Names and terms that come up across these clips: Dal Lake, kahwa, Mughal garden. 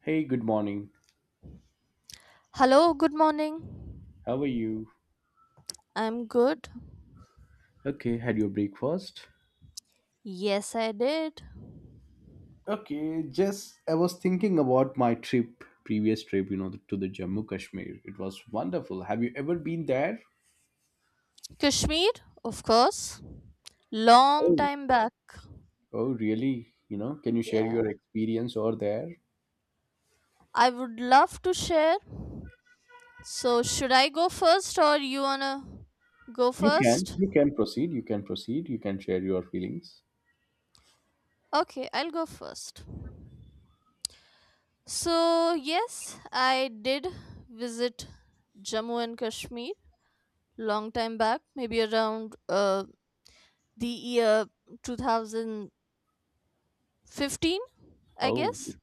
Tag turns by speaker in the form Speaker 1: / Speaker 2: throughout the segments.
Speaker 1: Hey, good morning.
Speaker 2: Hello, good morning.
Speaker 1: How are you?
Speaker 2: I'm good.
Speaker 1: Okay, had your breakfast?
Speaker 2: Yes, I did.
Speaker 1: Okay, just I was thinking about my trip, previous trip, you know, to the Jammu Kashmir. It was wonderful. Have you ever been there?
Speaker 2: Kashmir, of course. Long
Speaker 1: Oh,
Speaker 2: time back.
Speaker 1: oh, really? You know, can you share
Speaker 2: Yeah,
Speaker 1: your experience over there?
Speaker 2: I would love to share. So, should I go first or you wanna go
Speaker 1: You can,
Speaker 2: first?
Speaker 1: you can proceed, you can proceed, you can share your feelings.
Speaker 2: Okay, I'll go first. So, yes, I did visit Jammu and Kashmir long time back, maybe around the year 2015, I
Speaker 1: Oh,
Speaker 2: guess.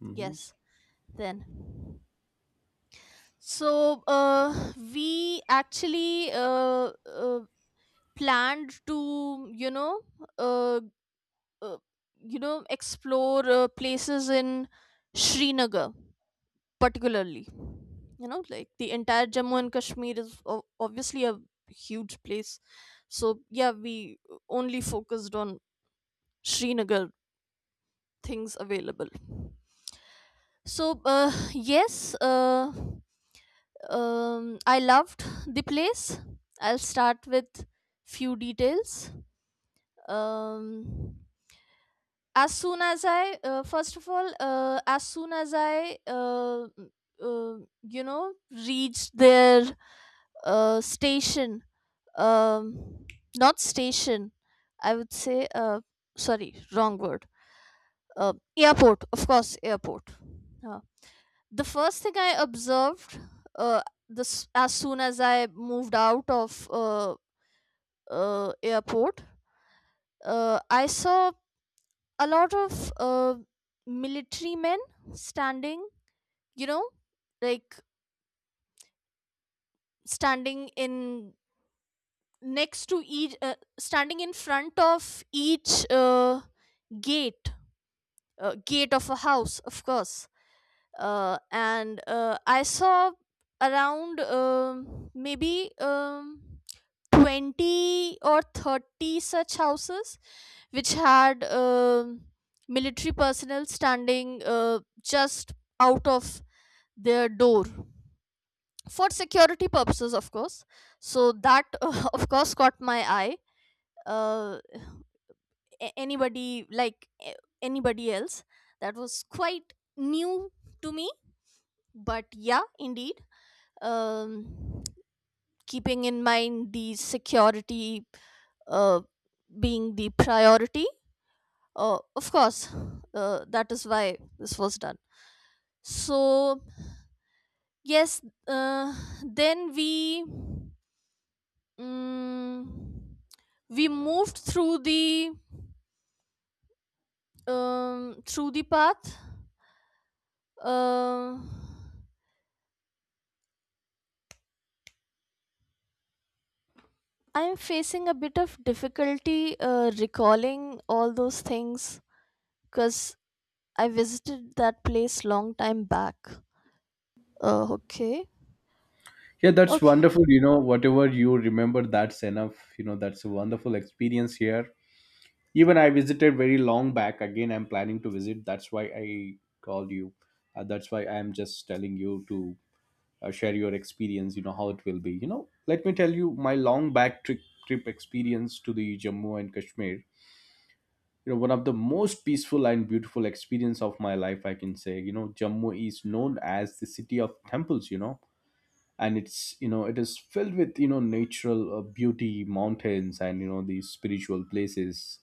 Speaker 1: hmm,
Speaker 2: Yes, then. So we actually planned to, uh, uh, you know, explore places in Srinagar, particularly. You know, like the entire Jammu and Kashmir is obviously a huge place. So yeah, we only focused on Srinagar things available so yes I loved the place. I'll start with few details. um, as soon as I first of all as soon as I uh, you know, reached their station. um, Not station, I would say, sorry, wrong word. uh, Airport, of course, airport. Uh, the first thing I observed, uh, this, as soon as I moved out of airport, I saw a lot of uh, military men standing, you know, like standing in next to each standing in front of each uh, gate, gate of a house, of course. And I saw around maybe 20 or 30 such houses which had military personnel standing just out of their door for security purposes, of course. So that of course caught my eye. uh, Anybody anybody else, that was quite new to me. But yeah, indeed, um, keeping in mind the security uh, being the priority. Of course, that is why this was done. So, yes, uh, then um, we moved through the path. Uh, I am facing a bit of difficulty recalling all those things because I visited that place long time back. Okay.
Speaker 1: yeah, that's
Speaker 2: Okay.
Speaker 1: wonderful. You know, whatever you remember, that's enough. You know, that's a wonderful experience here. Even I visited very long back. Again, I'm planning to visit. That's why I called you. That's why I'm just telling you to share your experience. You know how it will be. You know, let me tell you my long back trip experience to the Jammu and Kashmir. You know, one of the most peaceful and beautiful experience of my life, I can say. You know, Jammu is known as the city of temples. You know, and it is filled with natural beauty, mountains, and these spiritual places.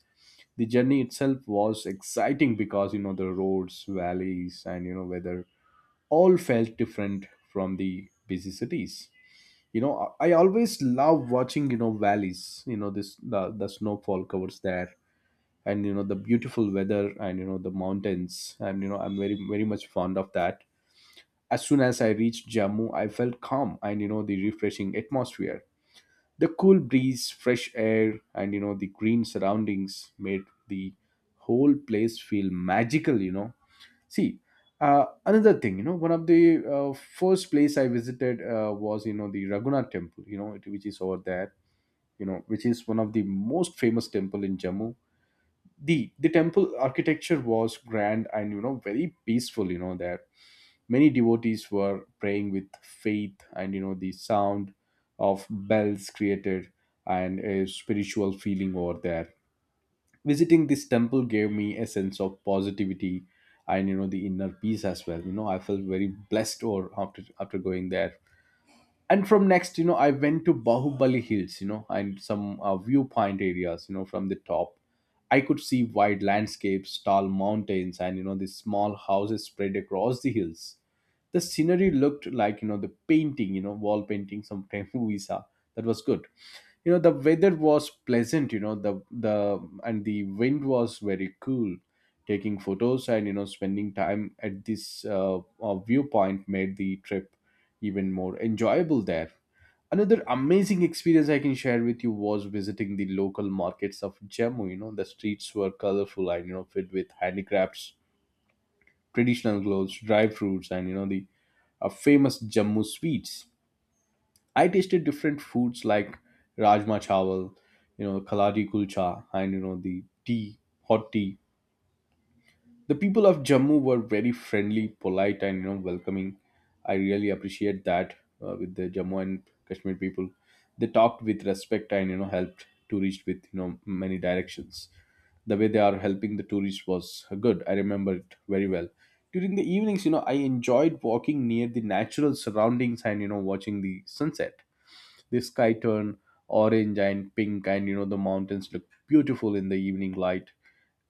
Speaker 1: The journey itself was exciting because you know the roads, valleys, and you know weather all felt different from the busy cities. You know, I always love watching you know valleys, you know the snowfall covers there, and you know the beautiful weather, and you know the mountains, and you know I'm very much fond of that. As soon as I reached Jammu, I felt calm and you know the refreshing atmosphere. The cool breeze, fresh air, and you know the green surroundings made the whole place feel magical, you know. See, another thing, you know, one of the first place I visited was you know the Raghunath temple, you know it, which is over there, you know, which is one of the most famous temple in Jammu. The temple architecture was grand and you know very peaceful, you know, there many devotees were praying with faith, and you know the sound of bells created and a spiritual feeling over there. Visiting this temple gave me a sense of positivity and you know the inner peace as well. You know, I felt very blessed or after going there. And from next, you know, I went to Bahubali hills, you know, and some viewpoint areas. You know, from the top I could see wide landscapes, tall mountains, and you know these small houses spread across the hills. The scenery looked like you know the painting, you know wall painting sometime we saw. That was good. You know, the weather was pleasant, you know the and the wind was very cool. Taking photos and you know spending time at this viewpoint made the trip even more enjoyable there. Another amazing experience I can share with you was visiting the local markets of Jammu. You know, the streets were colorful and you know filled with handicrafts, traditional clothes, dry fruits, and you know the famous Jammu sweets. I tasted different foods like rajma chawal, you know, kaladi kulcha, and you know the tea, hot tea. The people of Jammu were very friendly, polite, and you know welcoming. I really appreciate that with the Jammu and Kashmir people. They talked with respect and you know helped tourists with you know many directions. The way they are helping the tourists was good. I remember it very well. During the evenings, you know, I enjoyed walking near the natural surroundings and you know watching the sunset. The sky turned orange and pink, and you know the mountains looked beautiful in the evening light.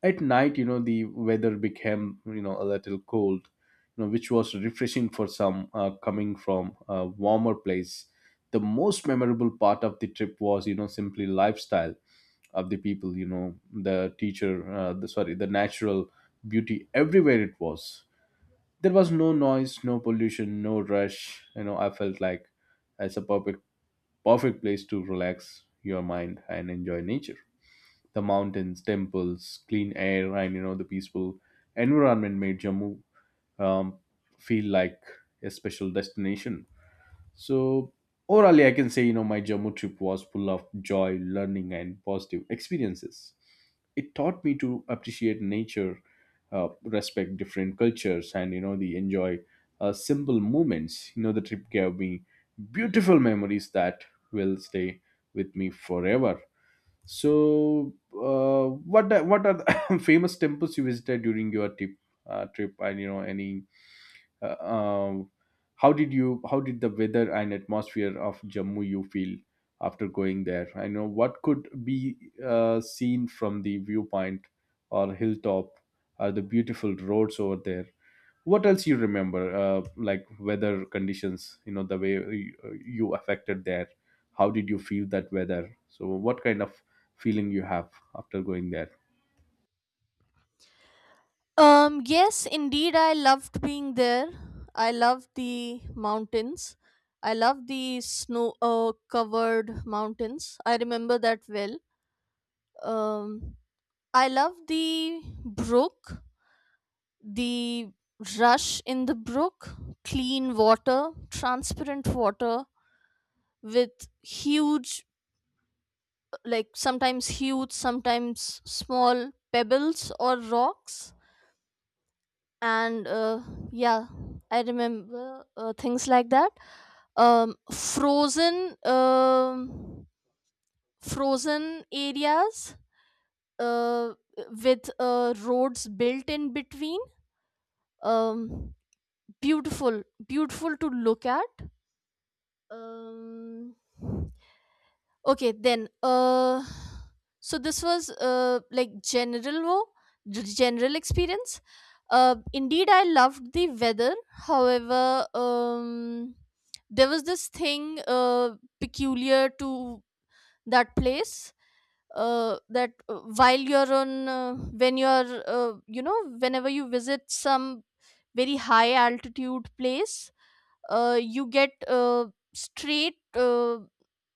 Speaker 1: At night, you know, the weather became you know a little cold, you know, which was refreshing for some coming from a warmer place. The most memorable part of the trip was you know simply lifestyle of the people. You know, the teacher, the natural beauty everywhere. It was there was no noise, no pollution, no rush. You know, I felt like it's a perfect place to relax your mind and enjoy nature. The mountains, temples, clean air, and you know the peaceful environment made Jammu, um, feel like a special destination. So orally, I can say you know my Jammu trip was full of joy, learning, and positive experiences. It taught me to appreciate nature, respect different cultures, and you know the enjoy simple moments. You know the trip gave me beautiful memories that will stay with me forever. So, what are the famous temples you visited during your trip? Trip and you know any uh, um, how did you how did the weather and atmosphere of Jammu you feel after going there? I know what could be seen from the viewpoint or hilltop or the beautiful roads over there. What else you remember, like weather conditions? You know the way you affected there. How did you feel that weather? So what kind of feeling you have after going there?
Speaker 2: Yes, indeed, I loved being there. I loved the mountains. I loved the snow covered mountains. I remember that well. Um I loved the brook, the rush in the brook, clean water, transparent water with huge, like sometimes huge, sometimes small pebbles or rocks. And yeah, I remember things like that. Frozen, frozen areas uh, with roads built in between. Um, Beautiful, beautiful to look at. Um, Okay, then. So this was like general experience. Indeed, I loved the weather. However, there was this thing peculiar to that place. That while you're on, when you're, you know, whenever you visit some very high altitude place, you get straight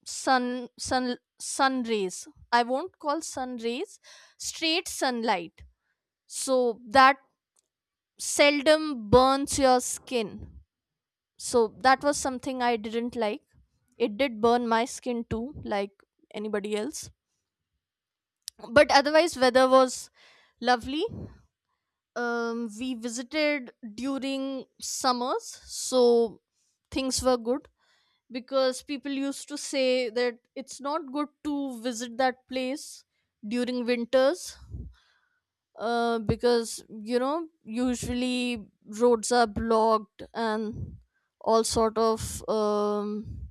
Speaker 2: sun sun sun rays I won't call sun rays, straight sunlight. So that seldom burns your skin. So that was something I didn't like. It did burn my skin too, like anybody else. But otherwise weather was lovely. We visited during summers, so things were good, because people used to say that it's not good to visit that place during winters because, you know, usually roads are blocked and all sort of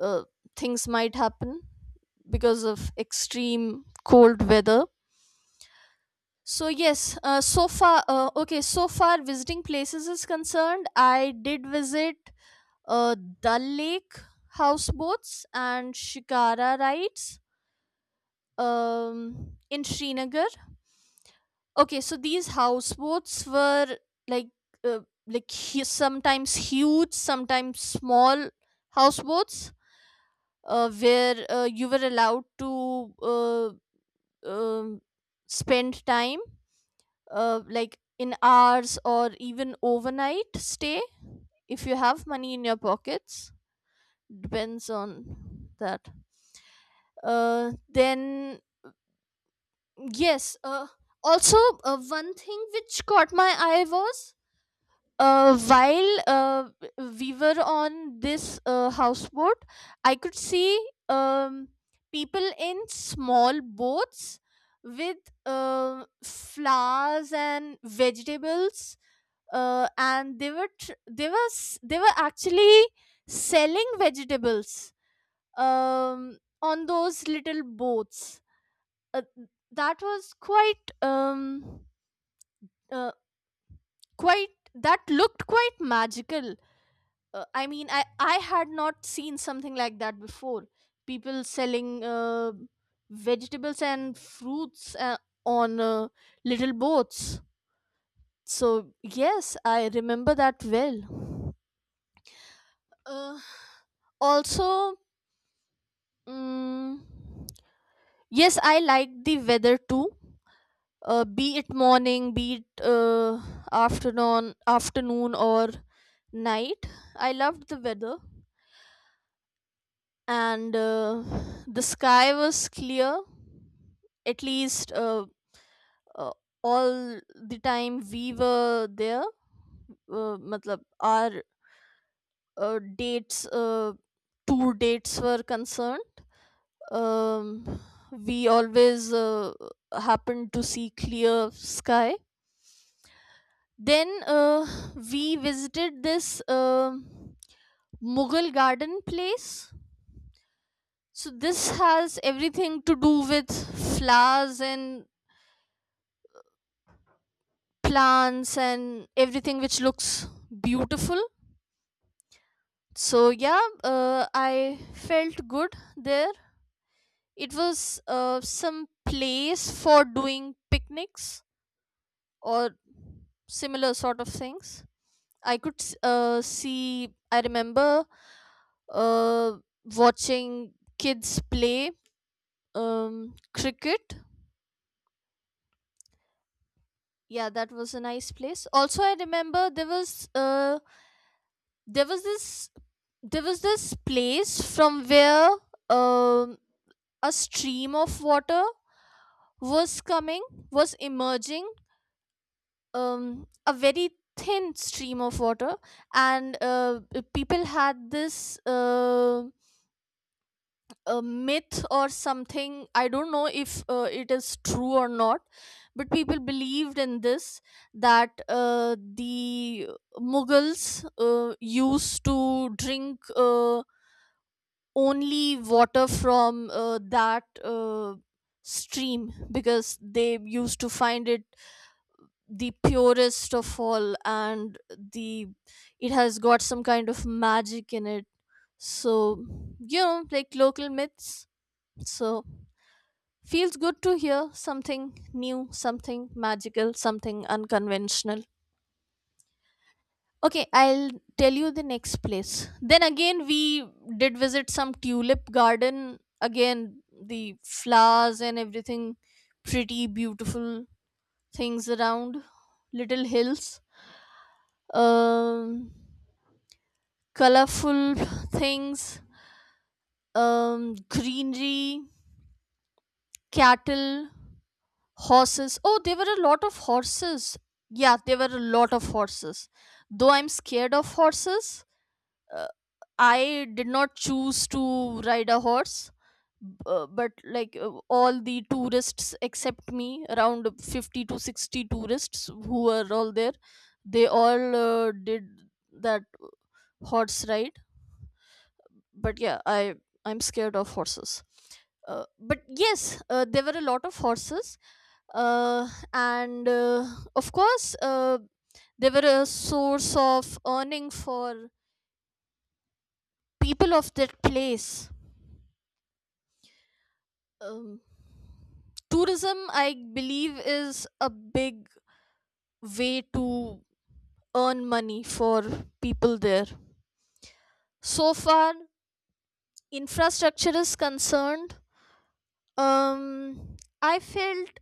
Speaker 2: uh, things might happen because of extreme cold weather. So yes, so far visiting places is concerned, I did visit uh, Dal Lake, houseboats and shikara rides in Srinagar. Okay, so these houseboats were like uh, sometimes huge, sometimes small houseboats where you were allowed to um spend time, like in hours or even overnight stay if you have money in your pockets, depends on that. Then yes, also, one thing which caught my eye was, while we were on this houseboat, I could see um, people in small boats with flowers and vegetables, and they were they were actually selling vegetables on those little boats. uh, that was quite uh, that looked quite magical. I mean, I had not seen something like that before, people selling vegetables and fruits on little boats. So yes, I remember that well. uh, Also, mm yes, I liked the weather too. Be it morning, be it afternoon, or night, I loved the weather. And the sky was clear, at least uh, all the time we were there. Matlab, our dates, tour dates were concerned, um, we always happened to see clear sky. Then we visited this Mughal garden place. So this has everything to do with flowers and plants and everything which looks beautiful. So yeah, I felt good there. It was some place for doing picnics or similar sort of things. I could see. I remember uh, watching kids play cricket. Yeah, that was a nice place. Also, I remember there was there was this there was this place from where um, a stream of water was coming, was emerging, a very thin stream of water. And people had this. A myth or something, I don't know if it is true or not, but people believed in this, that the Mughals used to drink only water from that stream, because they used to find it the purest of all, and the it has got some kind of magic in it. So, you know, like local myths. So feels good to hear something new, something magical, something unconventional. Okay, I'll tell you the next place. Then again, we did visit some tulip garden. Again, the flowers and everything, pretty beautiful things around, little hills, um, colorful things, greenery, cattle. Horses. Oh, there were a lot of horses. Yeah, there were a lot of horses. Though I'm scared of horses, I did not choose to ride a horse. But like all the tourists except me, around 50 to 60 tourists who were all there, they all did that horse ride. But yeah, I'm scared of horses. But yes, there were a lot of horses uh, and of course they were a source of earning for people of that place. um, Tourism, I believe, is a big way to earn money for people there. So far infrastructure is concerned, um, I felt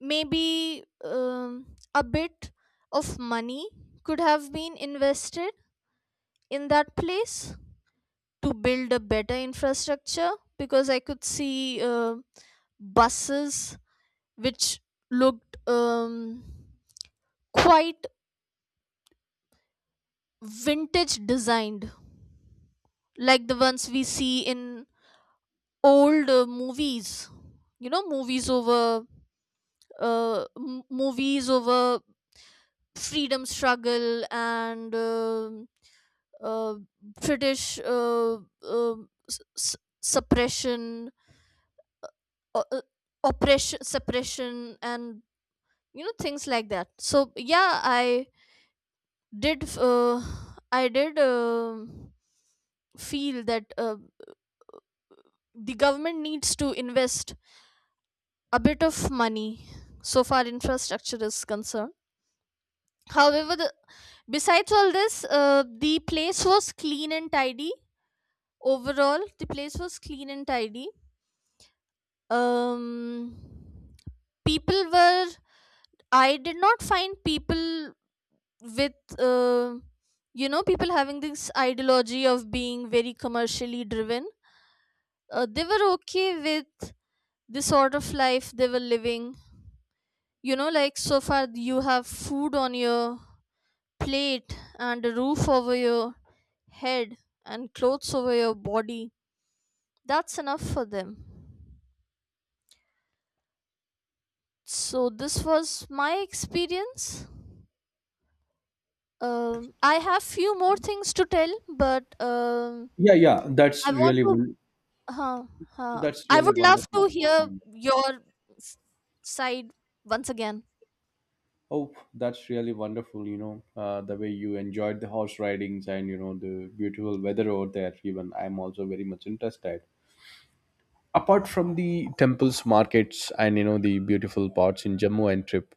Speaker 2: maybe a bit of money could have been invested in that place to build a better infrastructure, because I could see buses which looked quite vintage designed, like the ones we see in old movies. You know, movies over uh, m- movies over freedom struggle and uh, British suppression, o- uh, oppression, suppression, and you know things like that. So yeah, did uh, I did feel that the government needs to invest a bit of money so far infrastructure is concerned. However, besides all this, the place was clean and tidy. Overall, the place was clean and tidy. um People were, I did not find people with, you know, people having this ideology of being very commercially driven. They were okay with the sort of life they were living. You know, like, so far you have food on your plate and a roof over your head and clothes over your body, that's enough for them. So this was my experience. I have few more things to tell, but
Speaker 1: Yeah that's
Speaker 2: I want
Speaker 1: really
Speaker 2: to Huh, huh.
Speaker 1: that's
Speaker 2: I
Speaker 1: really
Speaker 2: would love
Speaker 1: wonderful.
Speaker 2: to hear your s- side once again.
Speaker 1: Oh, that's really wonderful, you know, the way you enjoyed the horse ridings and, you know, the beautiful weather over there, even. I'm also very much interested. Apart from the temples, markets, and, you know, the beautiful parts in Jammu and trip,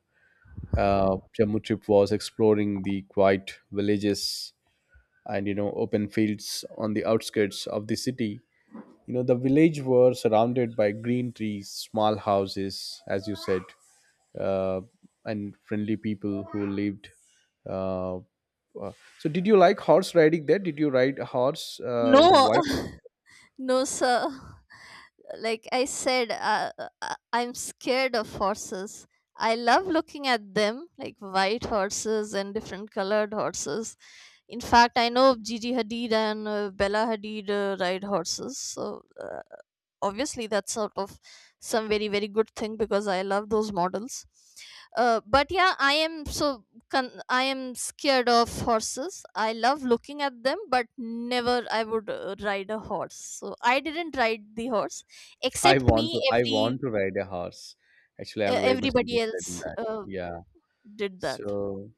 Speaker 1: Jammu trip was exploring the quiet villages and, you know, open fields on the outskirts of the city. You know, the village were surrounded by green trees, small houses, as you said, uh, and friendly people who lived. uh, Wow. So did you like horse riding there? Did you ride a horse with a
Speaker 2: No,
Speaker 1: white?
Speaker 2: no, sir. Like I said, I'm scared of horses. I love looking at them, like white horses and different colored horses. In fact, I know Gigi Hadid and Bella Hadid ride horses, so obviously that's sort of some very very good thing, because I love those models. But yeah, I am scared of horses. I love looking at them, but never I would ride a horse, so I didn't ride the horse.
Speaker 1: I
Speaker 2: Except
Speaker 1: want
Speaker 2: me,
Speaker 1: to. I
Speaker 2: every
Speaker 1: want to ride a horse. Actually, I'm very much
Speaker 2: everybody
Speaker 1: interested in
Speaker 2: else
Speaker 1: that. Yeah.
Speaker 2: did that.
Speaker 1: So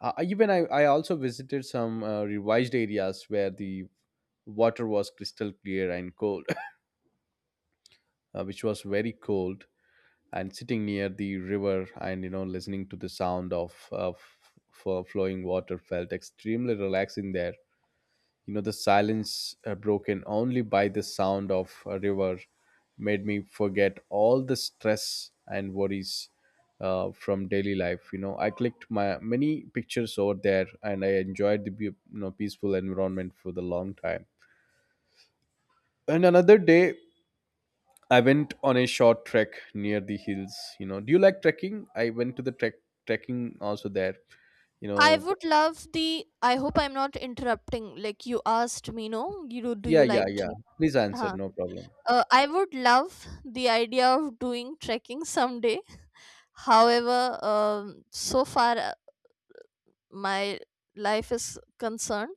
Speaker 1: even I also visited some revised areas where the water was crystal clear and cold, which was very cold. And sitting near the river and you know listening to the sound of flowing water felt extremely relaxing there. You know, the silence broken only by the sound of a river made me forget all the stress and worries from daily life. You know, I clicked my many pictures over there, and I enjoyed the you know peaceful environment for the long time. And another day, I went on a short trek near the hills. You know, do you like trekking? I went to the trekking also there. You
Speaker 2: I
Speaker 1: know,
Speaker 2: would love the, I hope I'm not interrupting, like you asked me. No, you do
Speaker 1: yeah,
Speaker 2: you
Speaker 1: yeah,
Speaker 2: like
Speaker 1: yeah. Please answer,
Speaker 2: huh.
Speaker 1: no problem.
Speaker 2: I would love the idea of doing trekking someday. However, so far my life is concerned,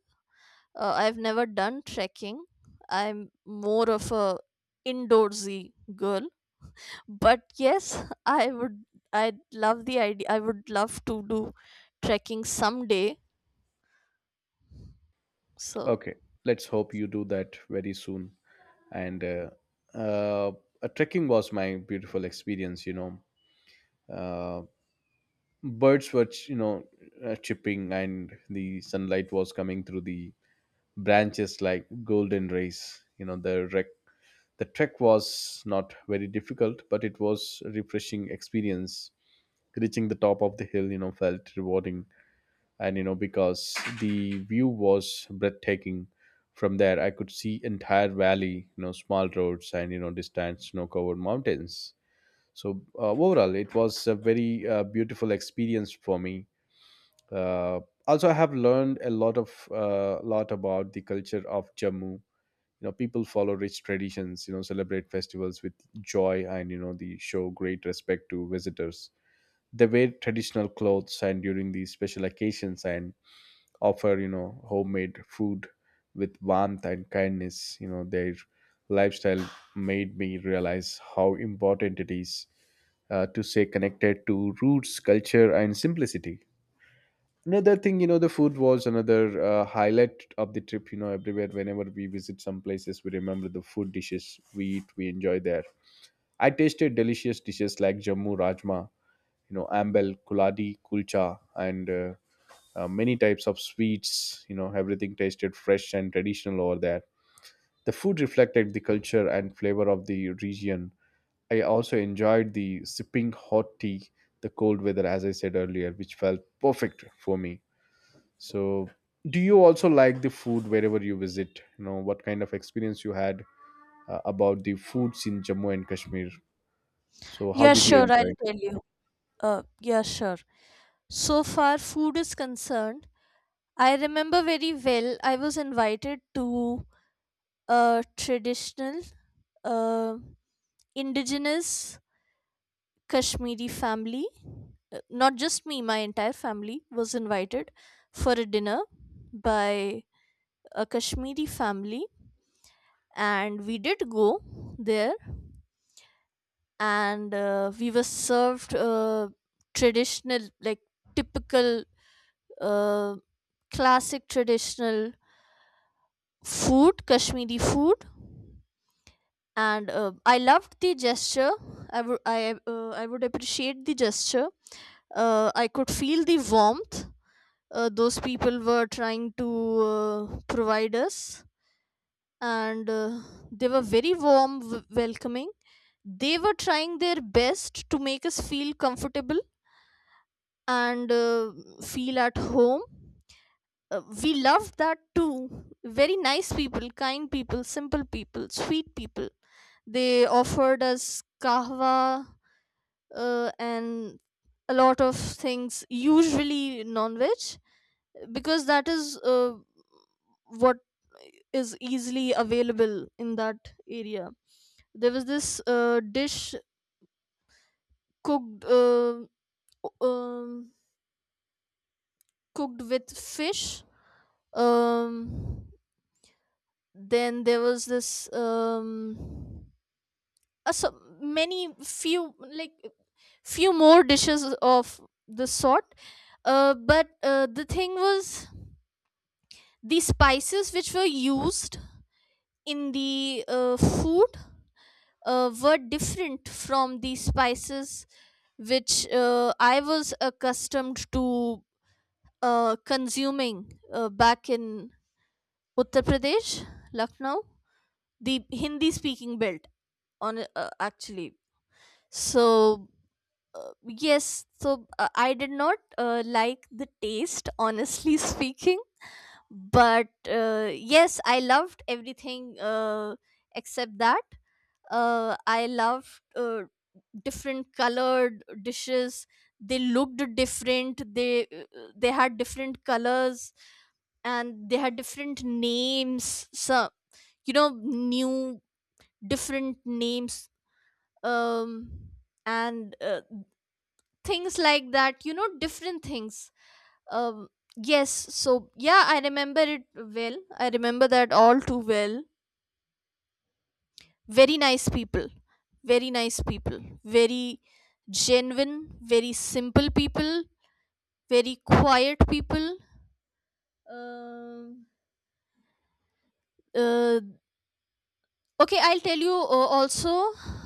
Speaker 2: I've never done trekking. I'm more of a indoorsy girl. But yes, I would. I love the idea. I would love to do trekking someday. So
Speaker 1: Okay, let's hope you do that very soon. And uh, trekking was my beautiful experience. You know, uh, birds were you know chirping, and the sunlight was coming through the branches like golden rays. You know, the trek was not very difficult, but it was a refreshing experience. Reaching the top of the hill, you know, felt rewarding and you know because the view was breathtaking. From there I could see entire valley, you know small roads, and you know distant snow covered mountains. So overall it was a very beautiful experience for me. uh, Also, I have learned a lot of lot about the culture of Jammu. You know, people follow rich traditions, you know celebrate festivals with joy, and you know they show great respect to visitors. They wear traditional clothes and during these special occasions and offer you know homemade food with warmth and kindness. You know, their lifestyle made me realize how important it is to stay connected to roots, culture, and simplicity. Another thing, you know, the food was another highlight of the trip. You know, everywhere whenever we visit some places we remember the food dishes we eat we enjoy there. I tasted delicious dishes like Jammu rajma, you know ambal kuladi kulcha, and many types of sweets. You know, everything tasted fresh and traditional over there. The food reflected the culture and flavor of the region. I also enjoyed the sipping hot tea, the cold weather as I said earlier, which felt perfect for me. So do you also like the food wherever you visit? You know, what kind of experience you had about the foods in Jammu and Kashmir? So how
Speaker 2: yeah,
Speaker 1: did you
Speaker 2: sure.
Speaker 1: enjoy
Speaker 2: I'll
Speaker 1: it?
Speaker 2: tell you. Yeah, sure. So far, food is concerned. I remember very well. I was invited to traditional uh, indigenous Kashmiri family. Not just me, my entire family was invited for a dinner by a Kashmiri family, and we did go there, and we were served traditional, like typical, uh, classic traditional food, Kashmiri food. And I loved the gesture. I would appreciate the gesture. I could feel the warmth those people were trying to provide us. And they were very welcoming. They were trying their best to make us feel comfortable and feel at home. We loved that too. Very nice people, kind people, simple people, sweet people. They offered us kahwa, and a lot of things, usually non-veg, because that is what is easily available in that area. There was this dish cooked o- um, cooked with fish. um, then there was this a, so many few like few more dishes of the sort. But The thing was, the spices which were used in the food were different from the spices which I was accustomed to consuming back in Uttar Pradesh, Lucknow, the Hindi speaking belt, on actually. So, yes, so I did not like the taste, honestly speaking. But yes, I loved everything except that. I loved different colored dishes. They looked different, they had different colors, and they had different names, so you know, new, different names. Um and Things like that, you know, different things. um yes, so yeah, I remember it well. I remember that all too well. Very nice people, very nice people, very genuine, very simple people, very quiet people. um uh, okay, I'll tell you also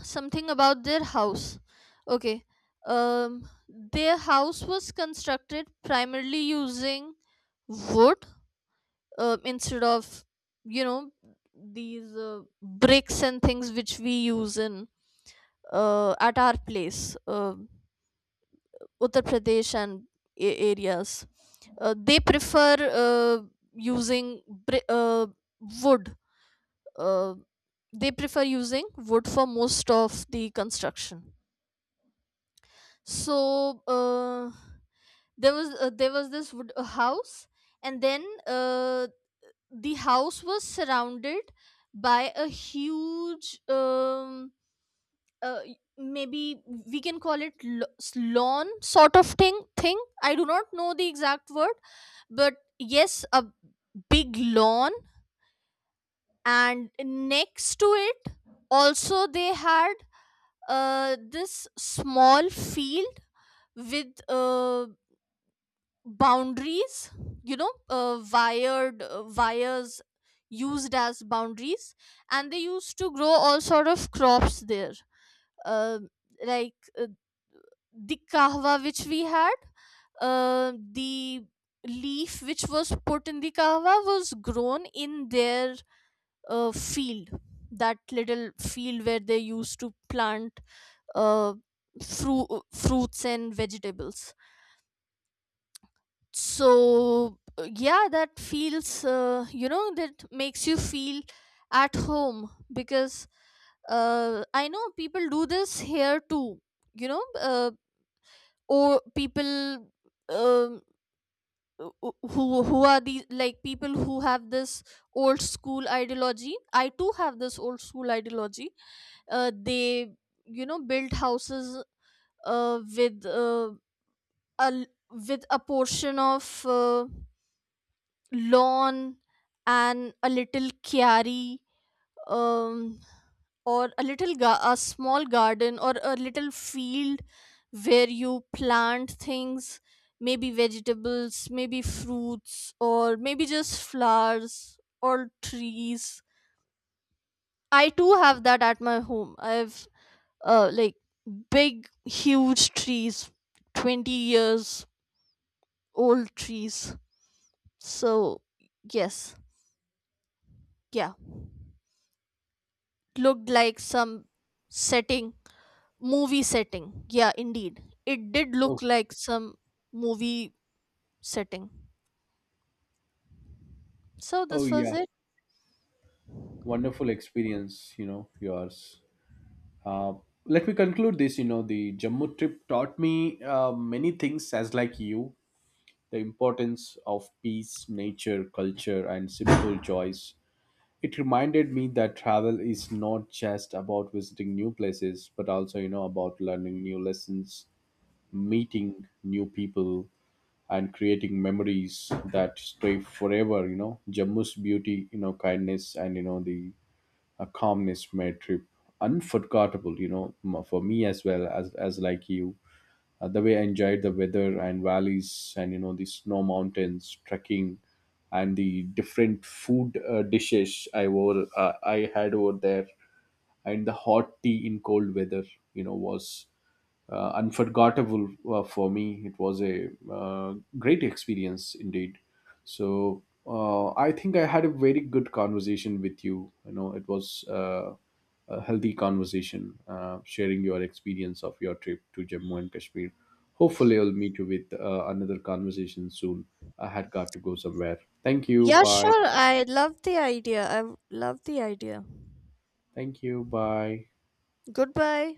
Speaker 2: something about their house. Okay. um their house was constructed primarily using wood, instead of, you know, these bricks and things which we use in at our place, uh, Uttar Pradesh and areas. They prefer uh, using bri- uh, wood. uh, they prefer using wood for most of the construction. So uh, there was this wood a house, and then the house was surrounded by a huge uh, maybe we can call it lawn sort of thing, I do not know the exact word, but yes, a big lawn. And next to it also they had this small field with boundaries, you know, wired wires used as boundaries, and they used to grow all sort of crops there. uh, like the kahwa which we had, the leaf which was put in the kahwa was grown in their field, that little field where they used to plant uh, fruits and vegetables. So yeah, that feels you know, that makes you feel at home, because I know people do this here too, you know. Or people, um, who are these, like, people who have this old school ideology. I too have this old school ideology. They, you know, build houses with a l- with a portion of lawn and a little chiari, um, or a little a small garden or a little field where you plant things, maybe vegetables, maybe fruits, or maybe just flowers or trees. I too have that at my home. I have like big huge trees, 20 years old trees. So yes. Yeah, looked like some setting, movie setting. Yeah, indeed. It did
Speaker 1: Oh,
Speaker 2: look like some movie setting. So
Speaker 1: oh
Speaker 2: this was
Speaker 1: yeah,
Speaker 2: it.
Speaker 1: wonderful experience you know yours. Uh, Let me conclude this. You know, the Jammu trip taught me many things, as like you, the importance of peace, nature, culture, and simple joys. It reminded me that travel is not just about visiting new places, but also, you know, about learning new lessons, meeting new people, and creating memories that stay forever. You know, Jammu's beauty, you know, kindness, and you know the a calmness from a trip unforgettable, you know for me as well as like you. The way I enjoyed the weather and valleys, and you know the snow mountains, trekking, and the different food dishes I had over there, and the hot tea in cold weather, you know was unforgettable for me. It was a great experience indeed. So I think I had a very good conversation with you. You know, it was a healthy conversation, sharing your experience of your trip to Jammu and Kashmir. Hopefully, I'll meet you with another conversation soon. I had got to go somewhere. Thank you.
Speaker 2: Yeah,
Speaker 1: Bye.
Speaker 2: sure. I love the idea. I love the idea.
Speaker 1: Thank you. Bye.
Speaker 2: Goodbye.